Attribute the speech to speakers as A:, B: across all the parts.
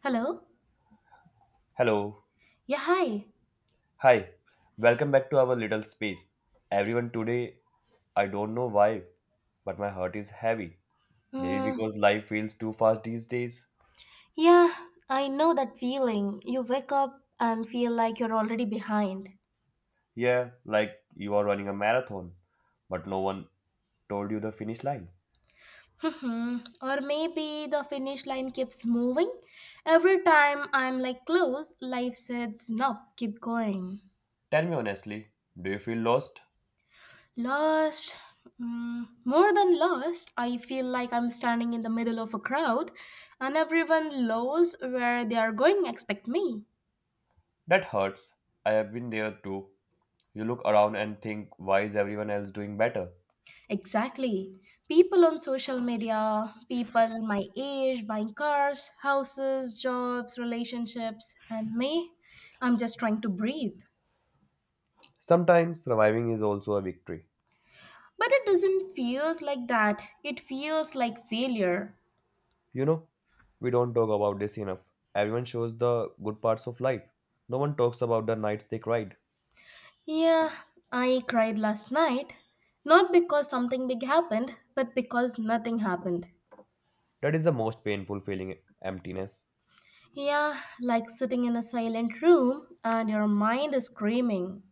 A: Hello?
B: Hello.
A: Yeah, hi.
B: Hi. Welcome back to our little space. Everyone, today, I don't know why, but my heart is heavy. Maybe
A: Mm,
B: because life feels too fast these days.
A: yeah, I know that feeling. You wake up and feel like you're already behind.
B: Yeah, like you are running a marathon, but no one told you the finish line.
A: Or maybe the finish line keeps moving. Every time I'm like close, life says, no, keep going.
B: Tell me honestly, do you feel lost?
A: Lost. More than lost, I feel like I'm standing in the middle of a crowd and everyone knows where they are going, except me.
B: That hurts. I have been there too. You look around and think, why is everyone else doing better?
A: Exactly. People on social media, people my age buying cars, houses, jobs, relationships, and me, I'm just trying to breathe.
B: Sometimes surviving is also a victory.
A: But it doesn't feels like that. It feels like failure.
B: You know, we don't talk about this enough. Everyone shows the good parts of life. No one talks about the nights they cried.
A: Yeah, I cried last night, not because something big happened, but because nothing happened.
B: That is the most painful feeling emptiness.
A: Yeah, like sitting in a silent room and your mind is screaming.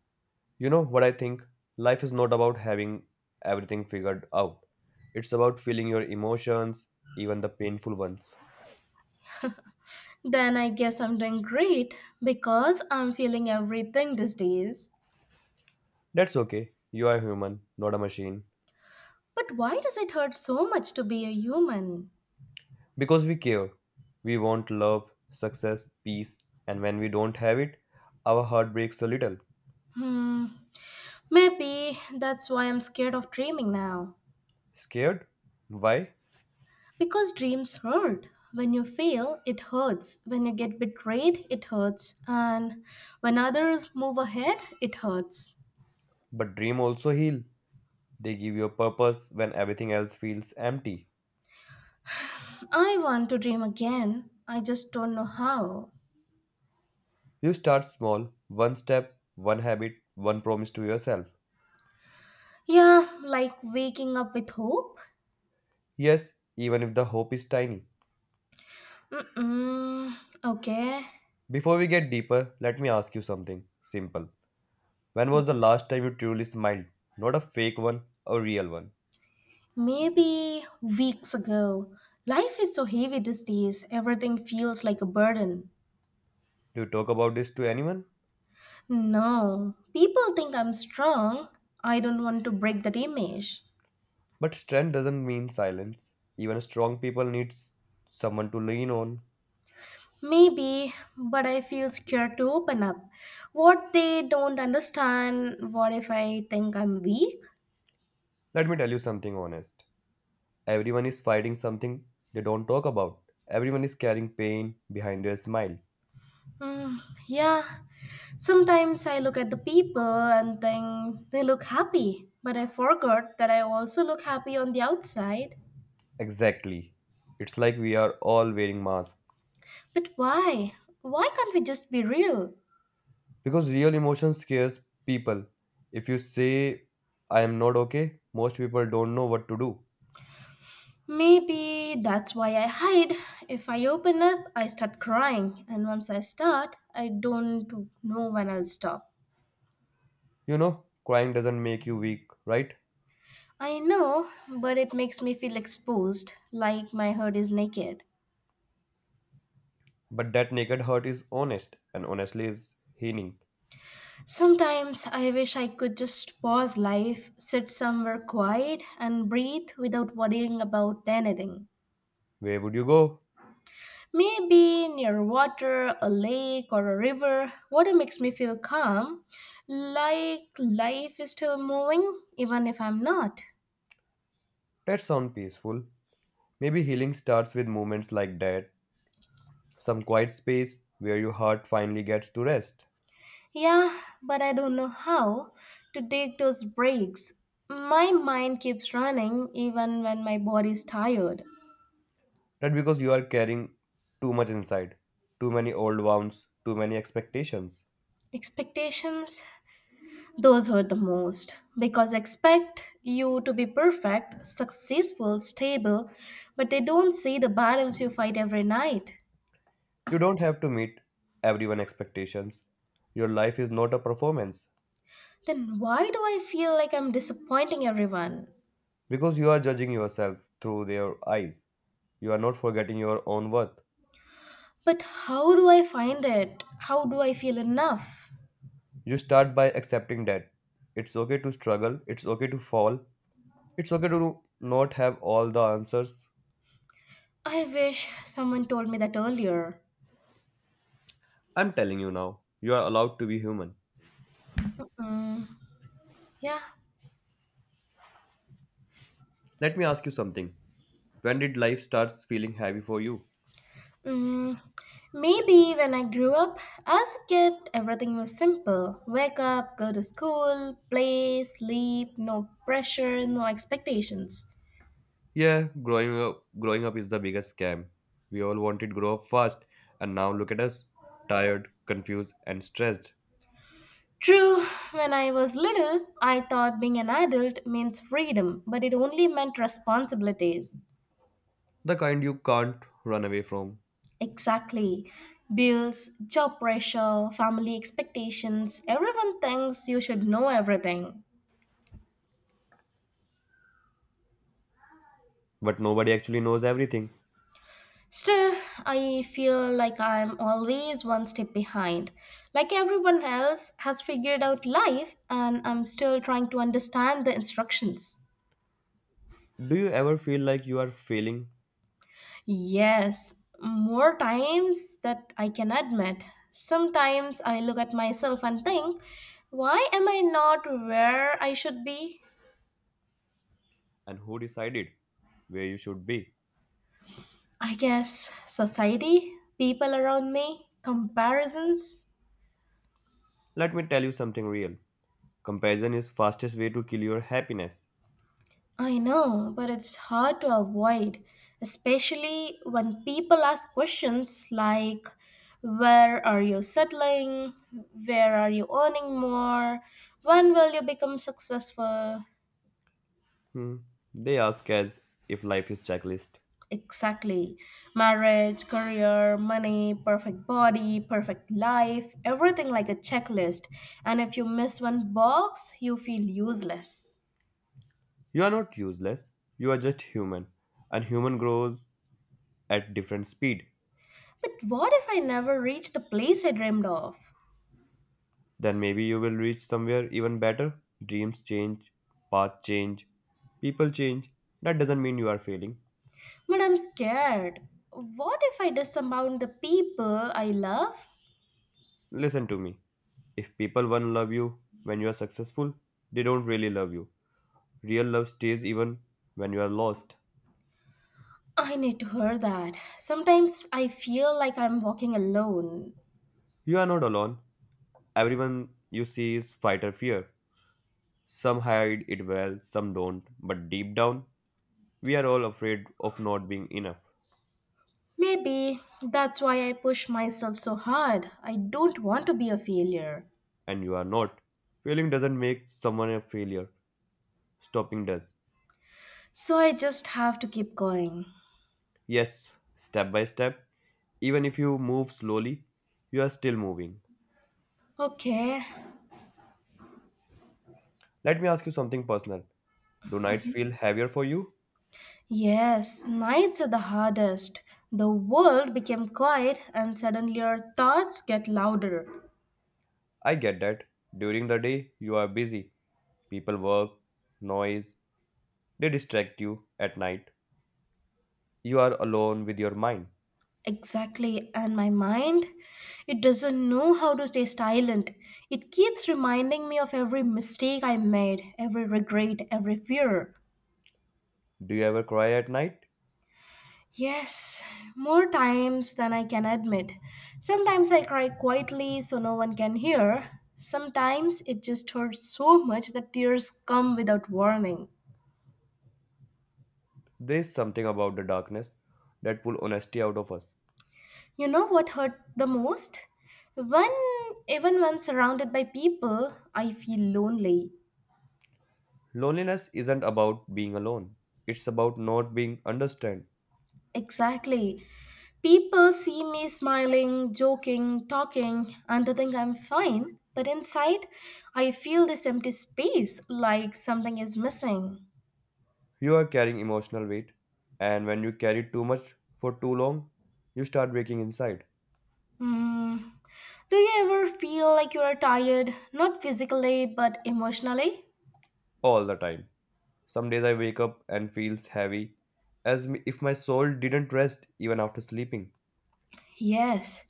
B: You know what I think? Life is not about having everything figured out, it's about feeling your emotions, even the painful ones.
A: Then I guess I'm doing great because I'm feeling everything these days.
B: That's okay. You are human, not a machine.
A: But why does it hurt so much to be a human?
B: Because we care. We want love, success, peace, and when we don't have it, our heart breaks a little.
A: Hmm, Maybe that's why I'm scared of dreaming now.
B: Scared? Why?
A: Because dreams hurt. When you fail, it hurts. When you get betrayed, it hurts. And when others move ahead, it hurts.
B: But dream also heal. They give you a purpose when everything else feels empty.
A: I want to dream again. I just don't know how.
B: You start small, one step, one habit, one promise to yourself.
A: Yeah, like waking up with hope.
B: Yes, even if the hope is tiny.
A: Mm-mm. Okay.
B: Before we get deeper, let me ask you something simple. When was the last time you truly smiled? Not a fake one, a real one.
A: Maybe weeks ago. Life is so heavy these days, everything feels like a burden.
B: Do you talk about this to anyone?
A: No, people think I'm strong. I don't want to break that image.
B: But strength doesn't mean silence. Even strong people need someone to lean on.
A: Maybe, but I feel scared to open up. What they don't understand, what if I think I'm weak?
B: Let me tell you something honest. Everyone is fighting something they don't talk about. Everyone is carrying pain behind their smile.
A: Mm, yeah, sometimes I look at the people and think they look happy, but I forgot that I also look happy on the outside.
B: Exactly. It's like we are all wearing masks.
A: But why? Why can't we just be real?
B: Because real emotion scares people. If you say, I am not okay, most people don't know what to do.
A: Maybe that's why I hide. If I open up, I start crying, and once I start, I don't know when I'll stop.
B: You know, crying doesn't make you weak, right?
A: I know, but it makes me feel exposed, like my heart is naked.
B: But that naked hurt is honest, and honestly is healing.
A: Sometimes I wish I could just pause life, sit somewhere quiet, and breathe without worrying about anything.
B: Where would you go?
A: Maybe near water, a lake, or a river. Water makes me feel calm, like life is still moving, even if I'm not.
B: That sounds peaceful. Maybe healing starts with moments like that, some quiet space where your heart finally gets to rest.
A: Yeah, but I don't know how to take those breaks. My mind keeps running even when my body's tired.
B: That because you are carrying too much inside, too many old wounds, too many expectations.
A: Expectations, those hurt the most because expect you to be perfect, successful, stable, but they don't see the battles you fight every night.
B: You don't have to meet everyone's expectations. Your life is not a performance
A: Then why do I feel like I'm disappointing everyone?
B: because you are judging yourself through their eyes. You are not forgetting your own worth.
A: But how do I find it? How do I feel enough?
B: You start by accepting that it's okay to struggle, it's okay to fall, it's okay to not have all the answers.
A: I wish someone told me that earlier.
B: I'm telling you now, you are allowed to be human.
A: Mm, yeah.
B: Let me ask you something. When did life starts feeling heavy for you?
A: Mm, Maybe when I grew up, as a kid, everything was simple. Wake up, go to school, play, sleep, no pressure, no expectations.
B: Yeah, growing up is the biggest scam. We all wanted grow up fast and now look at us, tired, confused and stressed.
A: True, when I was little, I thought being an adult means freedom, but it only meant responsibilities.
B: The kind you can't run away from.
A: Exactly. Bills, job pressure, family expectations, everyone thinks you should know everything.
B: But nobody actually knows everything.
A: Still, I feel like I'm always one step behind. Like everyone else has figured out life, and I'm still trying to understand the instructions.
B: Do you ever feel like you are failing
A: Yes, more times that I can admit. Sometimes I look at myself and think, why am I not where I should be?
B: and who decided where you should be?
A: I guess society, people around me, comparisons.
B: Let me tell you something real. Comparison is fastest way to kill your happiness.
A: I know, but it's hard to avoid, especially when people ask questions like, Where are you settling? Where are you earning more? When will you become successful?
B: Hmm. They ask as if life is checklist.
A: Exactly. Marriage, career, money, perfect body, perfect life, everything like a checklist. And if you miss one box, you feel useless.
B: You are not useless. You are just human and human grows at different speed.
A: But what if I never reach the place I dreamed of?
B: Then maybe you will reach somewhere even better. Dreams change, paths change, people change. That doesn't mean you are failing.
A: But I'm scared. What if I disavow the people I love?
B: Listen to me. If people won't love you when you are successful, they don't really love you. Real love stays even when you are lost.
A: I need to hear that. Sometimes I feel like I'm walking alone.
B: You are not alone. Everyone you see is fight or fear. Some hide it well, some don't. But deep down, we are all afraid of not being enough.
A: Maybe that's why I push myself so hard. I don't want to be a failure.
B: And you are not. Failing doesn't make someone a failure. Stopping does.
A: So I just have to keep going.
B: Yes, step by step. Even if you move slowly, you are still moving.
A: Okay.
B: Let me ask you something personal. Do nights feel heavier for you?
A: Yes, nights are the hardest. The world became quiet and suddenly our thoughts get louder.
B: I get that. During the day, you are busy. People work, noise, they distract you at night. You are alone with your mind.
A: Exactly, and my mind, it doesn't know how to stay silent. It keeps reminding me of every mistake I made, every regret, every fear.
B: Do you ever cry at night?
A: Yes, more times than I can admit. Sometimes I cry quietly so no one can hear. Sometimes it just hurts so much that tears come without warning.
B: There is something about the darkness that pulls honesty out of us.
A: You know what hurt the most? When even when surrounded by people, I feel lonely.
B: Loneliness isn't about being alone, it's about not being understood.
A: Exactly. People see me smiling, joking, talking, and they think I'm fine, but inside, I feel this empty space like something is missing.
B: You are carrying emotional weight, and when you carry too much for too long, you start breaking inside
A: Hmm. Do you ever feel like you are tired, not physically but emotionally?
B: all the time. Some days I wake up and feels heavy, if my soul didn't rest even after sleeping.
A: Yes,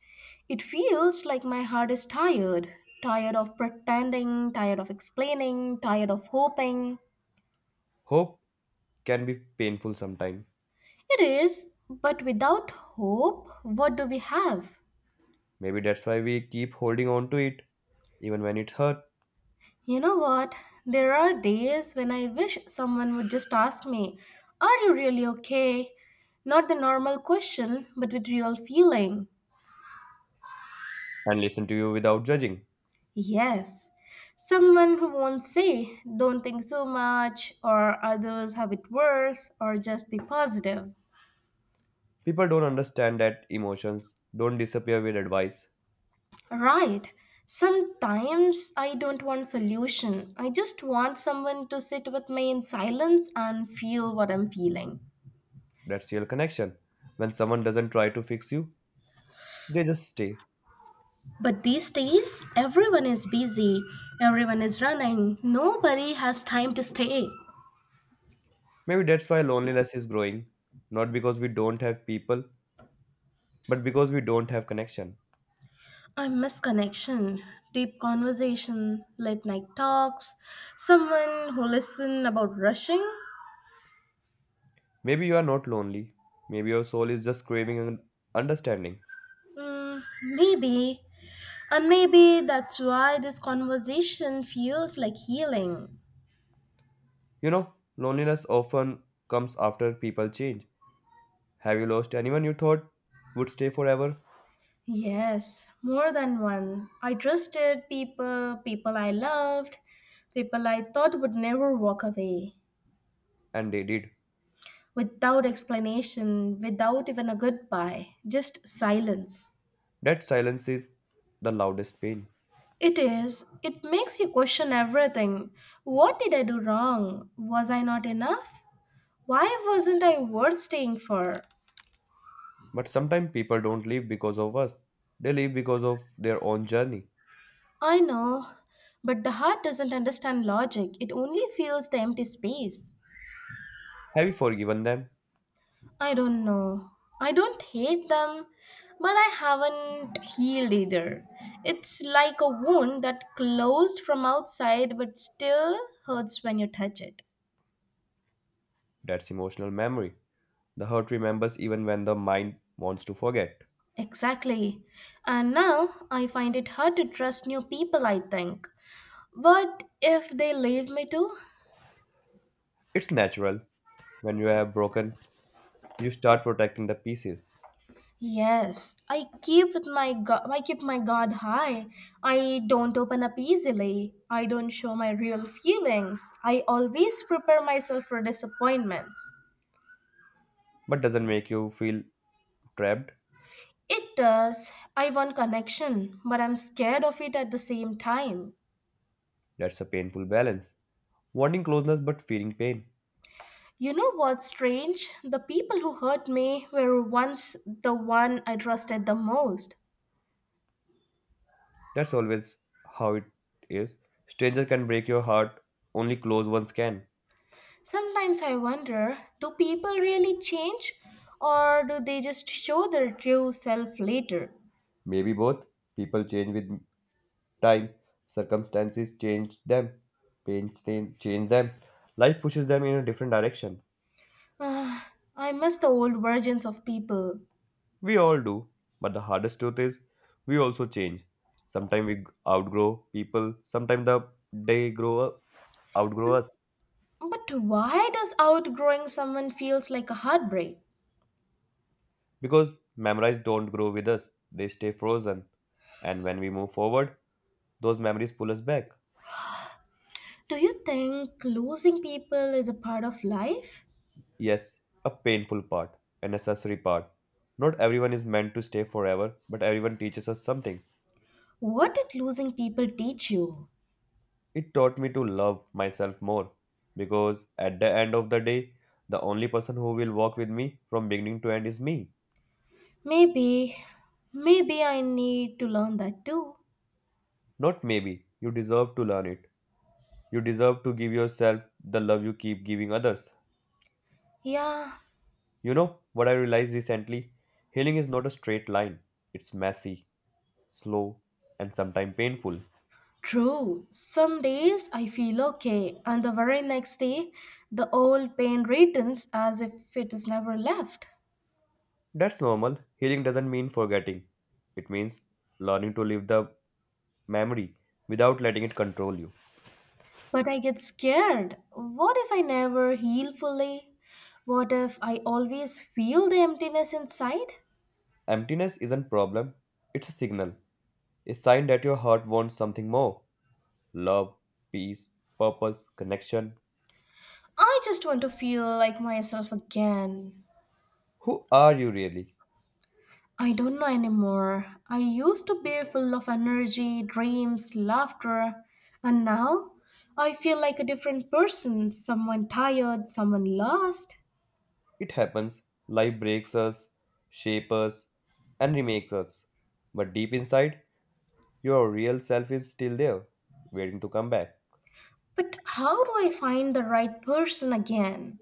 A: it feels like my heart is tired. Tired of pretending, tired of explaining, tired of hoping.
B: Hope can be painful sometimes.
A: It is, but without hope, what do we have?
B: Maybe that's why we keep holding on to it, even when it hurt,
A: You know what? There are days when I wish someone would just ask me, Are you really okay? Not the normal question, but with real feeling.
B: and listen to you without judging.
A: Yes. Someone who won't say, Don't think so much, or others have it worse, or just be positive.
B: People don't understand that emotions don't disappear with advice.
A: Right. Sometimes I don't want solution. I just want someone to sit with me in silence and feel what I'm feeling.
B: That's real connection. When someone doesn't try to fix you, they just stay.
A: But these days, everyone is busy, everyone is running, nobody has time to stay.
B: Maybe that's why loneliness is growing, not because we don't have people, but because we don't have connection.
A: I miss connection, deep conversation, late night talks, someone who listen about rushing.
B: Maybe you are not lonely. Maybe your soul is just craving an understanding.
A: Mm, Maybe. And maybe that's why this conversation feels like healing.
B: You know, loneliness often comes after people change. Have you lost anyone you thought would stay forever?
A: Yes, more than one. I trusted people, people I loved, people I thought would never walk away.
B: And they did.
A: Without explanation, without even a goodbye, just silence.
B: That silence is the loudest pain.
A: It is, it makes you question everything. What did I do wrong? Was I not enough? Why wasn't I worth staying for?
B: But sometimes people don't leave because of us, they leave because of their own journey.
A: I know, but the heart doesn't understand logic, it only feels the empty space.
B: Have you forgiven them?
A: I don't know. I don't hate them, but I haven't healed either. It's like a wound that closed from outside but still hurts when you touch it.
B: That's emotional memory. The hurt remembers even when the mind wants to forget.
A: Exactly. And now I find it hard to trust new people, I think. What if they leave me too?
B: It's natural. When you have broken, you start protecting the pieces,
A: Yes, I keep my guard high. I don't open up easily. I don't show my real feelings. I always prepare myself for disappointments.
B: but doesn't make you feel trapped.
A: It does. I want connection, but I'm scared of it at the same time.
B: That's a painful balance. Wanting closeness but feeling pain.
A: You know what's strange? The people who hurt me were once the one I trusted the most.
B: That's always how it is. Stranger can break your heart, only close ones can.
A: Sometimes I wonder, do people really change or do they just show their true self later?
B: Maybe both. People change with time. Circumstances change them. Pain change them. Life pushes them in a different direction.
A: Ah, I miss the old versions of people.
B: We all do, but the hardest truth is we also change. Sometimes we outgrow people, sometimes they grow up, outgrow us
A: But why does outgrowing someone feels like a heartbreak?
B: because memories don't grow with us, they stay frozen. And when we move forward, those memories pull us back.
A: Do you think losing people is a part of life?
B: Yes, a painful part, a necessary part. Not everyone is meant to stay forever, but everyone teaches us something.
A: What did losing people teach you?
B: It taught me to love myself more because at the end of the day, the only person who will walk with me from beginning to end is me.
A: Maybe, maybe I need to learn that too.
B: Not maybe. You deserve to learn it. You deserve to give yourself the love you keep giving others.
A: Yeah,
B: You know what I realized recently? Healing is not a straight line. It's messy, slow, and sometimes painful.
A: true. Some days I feel okay, and the very next day, the old pain returns as if it is never left.
B: That's normal. Healing doesn't mean forgetting. It means learning to live the memory without letting it control you.
A: But I get scared. What if I never heal fully? What if I always feel the emptiness inside?
B: Emptiness isn't problem, it's a signal, a sign that your heart wants something more. Love, peace, purpose, connection.
A: I just want to feel like myself again.
B: Who are you really?
A: I don't know anymore. I used to be full of energy, dreams, laughter, and now I feel like a different person, someone tired, someone lost.
B: It happens, life breaks us, shapes us, and remakes us. But deep inside, your real self is still there, waiting to come back.
A: But how do I find the right person again?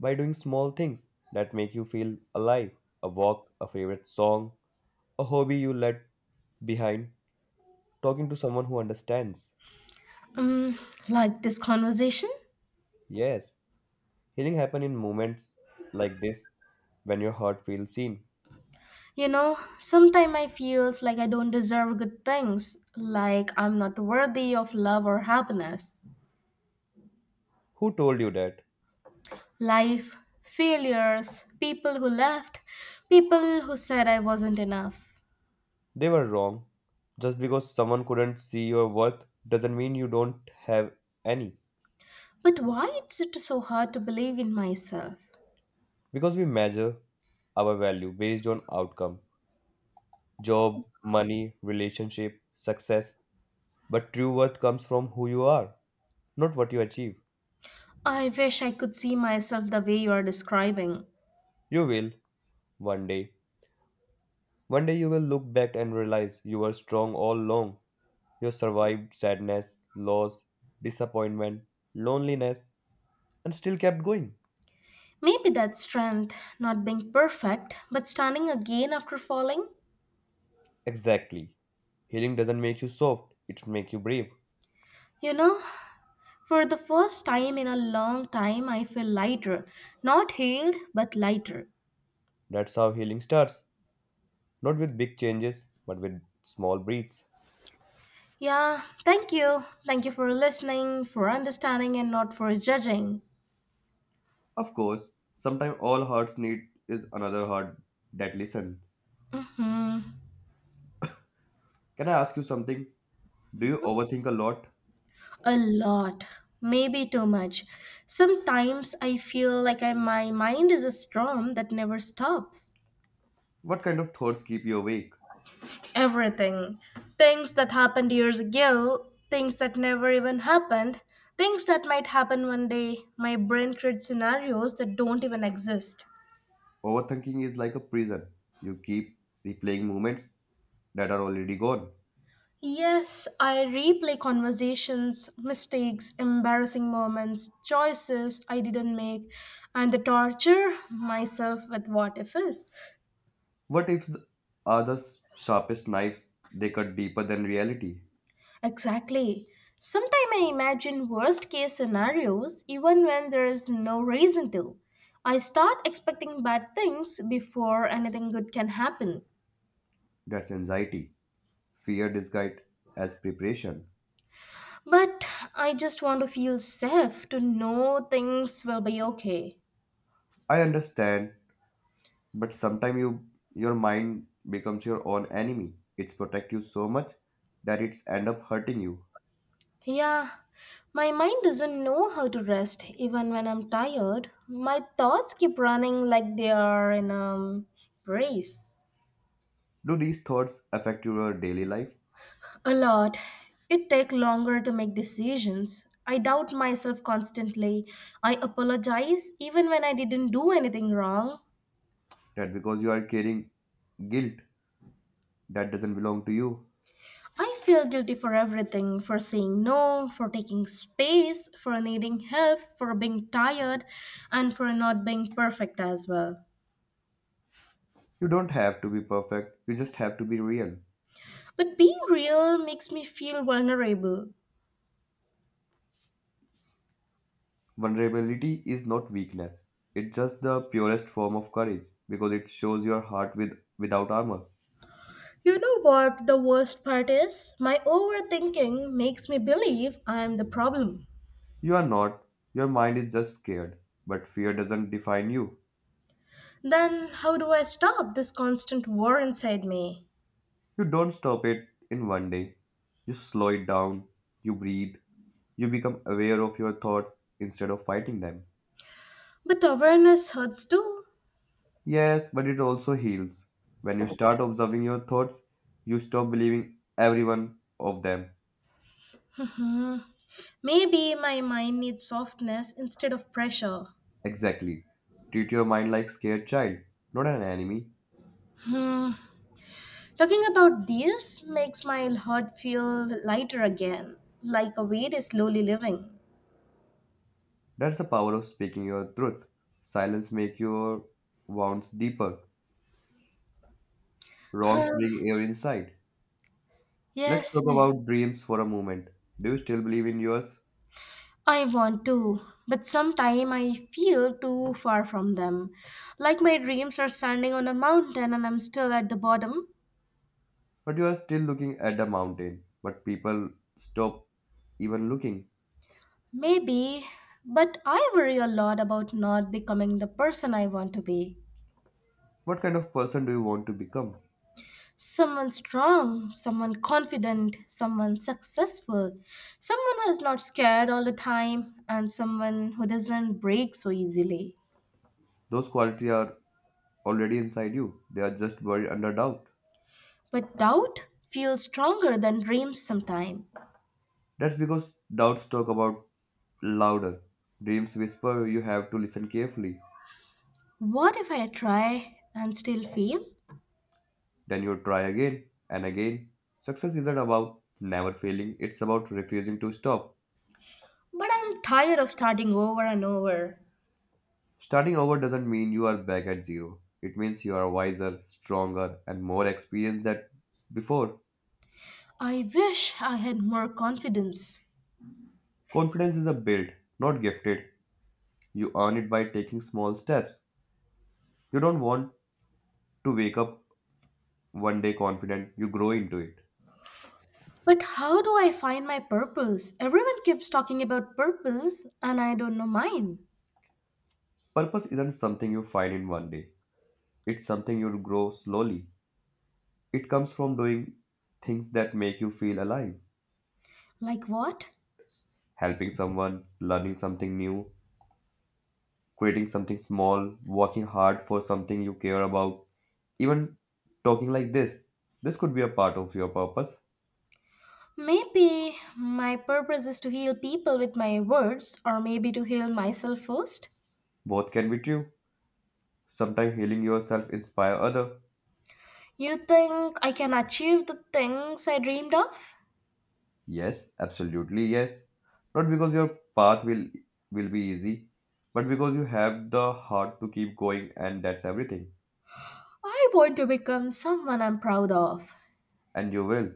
B: By doing small things that make you feel alive a walk, a favorite song, a hobby you let behind, talking to someone who understands.
A: Um, like this conversation?
B: Yes, healing happens in moments like this when your heart feels seen.
A: You know, sometimes I feels like I don't deserve good things, like I'm not worthy of love or happiness.
B: Who told you that?
A: Life, failures, people who left, people who said I wasn't enough.
B: They were wrong. Just because someone couldn't see your worth doesn't mean you don't have any.
A: But why is it so hard to believe in myself?
B: Because we measure our value based on outcome job, money, relationship, success. But true worth comes from who you are, not what you achieve.
A: I wish I could see myself the way you are describing.
B: You will, one day. One day you will look back and realize you were strong all along. You survived sadness, loss, disappointment, loneliness, and still kept going.
A: Maybe that's strength, not being perfect, but standing again after falling.
B: Exactly. Healing doesn't make you soft, it makes you brave.
A: You know, for the first time in a long time, I feel lighter. Not healed, but lighter.
B: That's how healing starts, not with big changes, but with small breaths.
A: Yeah, thank you. Thank you for listening, for understanding, and not for judging.
B: Of course, sometimes all hearts need is another heart that listens.
A: Hmm.
B: Can I ask you something? Do you overthink a lot?
A: A lot. Maybe too much. Sometimes I feel like my mind is a storm that never stops.
B: What kind of thoughts keep you awake?
A: Everything. Things that happened years ago, things that never even happened, things that might happen one day. My brain creates scenarios that don't even exist.
B: Overthinking is like a prison. You keep replaying moments that are already gone.
A: Yes, I replay conversations, mistakes, embarrassing moments, choices I didn't make, and the torture myself with what if's.
B: What if the, are the sharpest knives? They cut deeper than reality.
A: Exactly. Sometimes I imagine worst case scenarios even when there is no reason to. I start expecting bad things before anything good can happen.
B: That's anxiety. Fear disguised as preparation.
A: But I just want to feel safe to know things will be okay.
B: I understand. But sometimes you your mind becomes your own enemy. It's protect you so much that it's end up hurting you.
A: Yeah, my mind doesn't know how to rest even when I'm tired. My thoughts keep running like they are in a race.
B: Do these thoughts affect your daily life?
A: A lot. It takes longer to make decisions. I doubt myself constantly. I apologize even when I didn't do anything wrong.
B: That because you are carrying guilt that doesn't belong to you.
A: I feel guilty for everything for saying no, for taking space, for needing help, for being tired, and for not being perfect as well.
B: You don't have to be perfect. You just have to be real.
A: But being real makes me feel vulnerable.
B: Vulnerability is not weakness. It's just the purest form of courage because it shows your heart with without armor.
A: You know what the worst part is? My overthinking makes me believe I am the problem.
B: You are not. Your mind is just scared, but fear doesn't define you.
A: Then how do I stop this constant war inside me?
B: You don't stop it in one day. You slow it down, you breathe, you become aware of your thoughts instead of fighting them.
A: But awareness hurts too.
B: Yes, but it also heals. When you start observing your thoughts, you stop believing every one of them.
A: Hmm. Maybe my mind needs softness instead of pressure.
B: Exactly. Treat your mind like scared child, not an enemy.
A: Hmm. Talking about this makes my heart feel lighter again, like a weight is slowly living.
B: That's the power of speaking your truth. Silence make your wounds deeper. Wrongs
A: Huh.
B: bring air inside. Let's
A: Yes,
B: talk
A: I
B: about dreams for a moment. Do you still believe in yours?
A: I want to, but sometime I feel too far from them. Like my dreams are standing on a mountain and I'm still at the bottom.
B: But you are still looking at the mountain, but people stop even looking.
A: Maybe, but I worry a lot about not becoming the person I want to be.
B: What kind of person do you want to become?
A: Someone strong, someone confident, someone successful, someone who is not scared all the time, and someone who doesn't break so easily.
B: Those qualities are already inside you, they are just buried under doubt.
A: But doubt feels stronger than dreams sometimes.
B: That's because doubts talk about louder. Dreams whisper, you have to listen carefully.
A: What if I try and still fail?
B: Then you try again and again. Success isn't about never failing, it's about refusing to stop.
A: But I'm tired of starting over and over.
B: Starting over doesn't mean you are back at zero. It means you are wiser, stronger, and more experienced than before.
A: I wish I had more confidence.
B: Confidence is a build, not gifted. You earn it by taking small steps. You don't want to wake up one day confident, you grow into it.
A: But how do I find my purpose? Everyone keeps talking about purpose, and I don't know mine.
B: Purpose isn't something you find in one day, it's something you grow slowly. It comes from doing things that make you feel alive
A: Like what?
B: helping someone, learning something new, creating something small, working hard for something you care about, even talking like this. This could be a part of your purpose.
A: Maybe my purpose is to heal people with my words, or maybe to heal myself first.
B: Both can be true. Sometimes healing yourself inspire other.
A: You think I can achieve the things I dreamed of?
B: Yes, absolutely yes. Not because your path will be easy, but because you have the heart to keep going and that's everything.
A: I want to become someone I'm proud of.
B: And you will.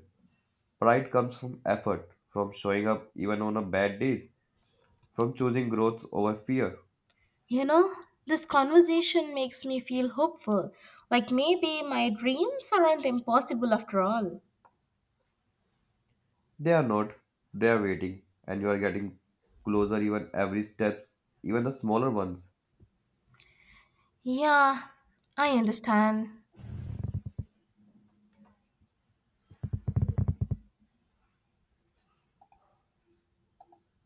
B: Pride comes from effort, from showing up even on a bad days, from choosing growth over fear.
A: You know, this conversation makes me feel hopeful, like maybe my dreams aren't impossible after all.
B: They are not, they are waiting, and you are getting closer even every step, even the smaller ones.
A: Yeah, I understand.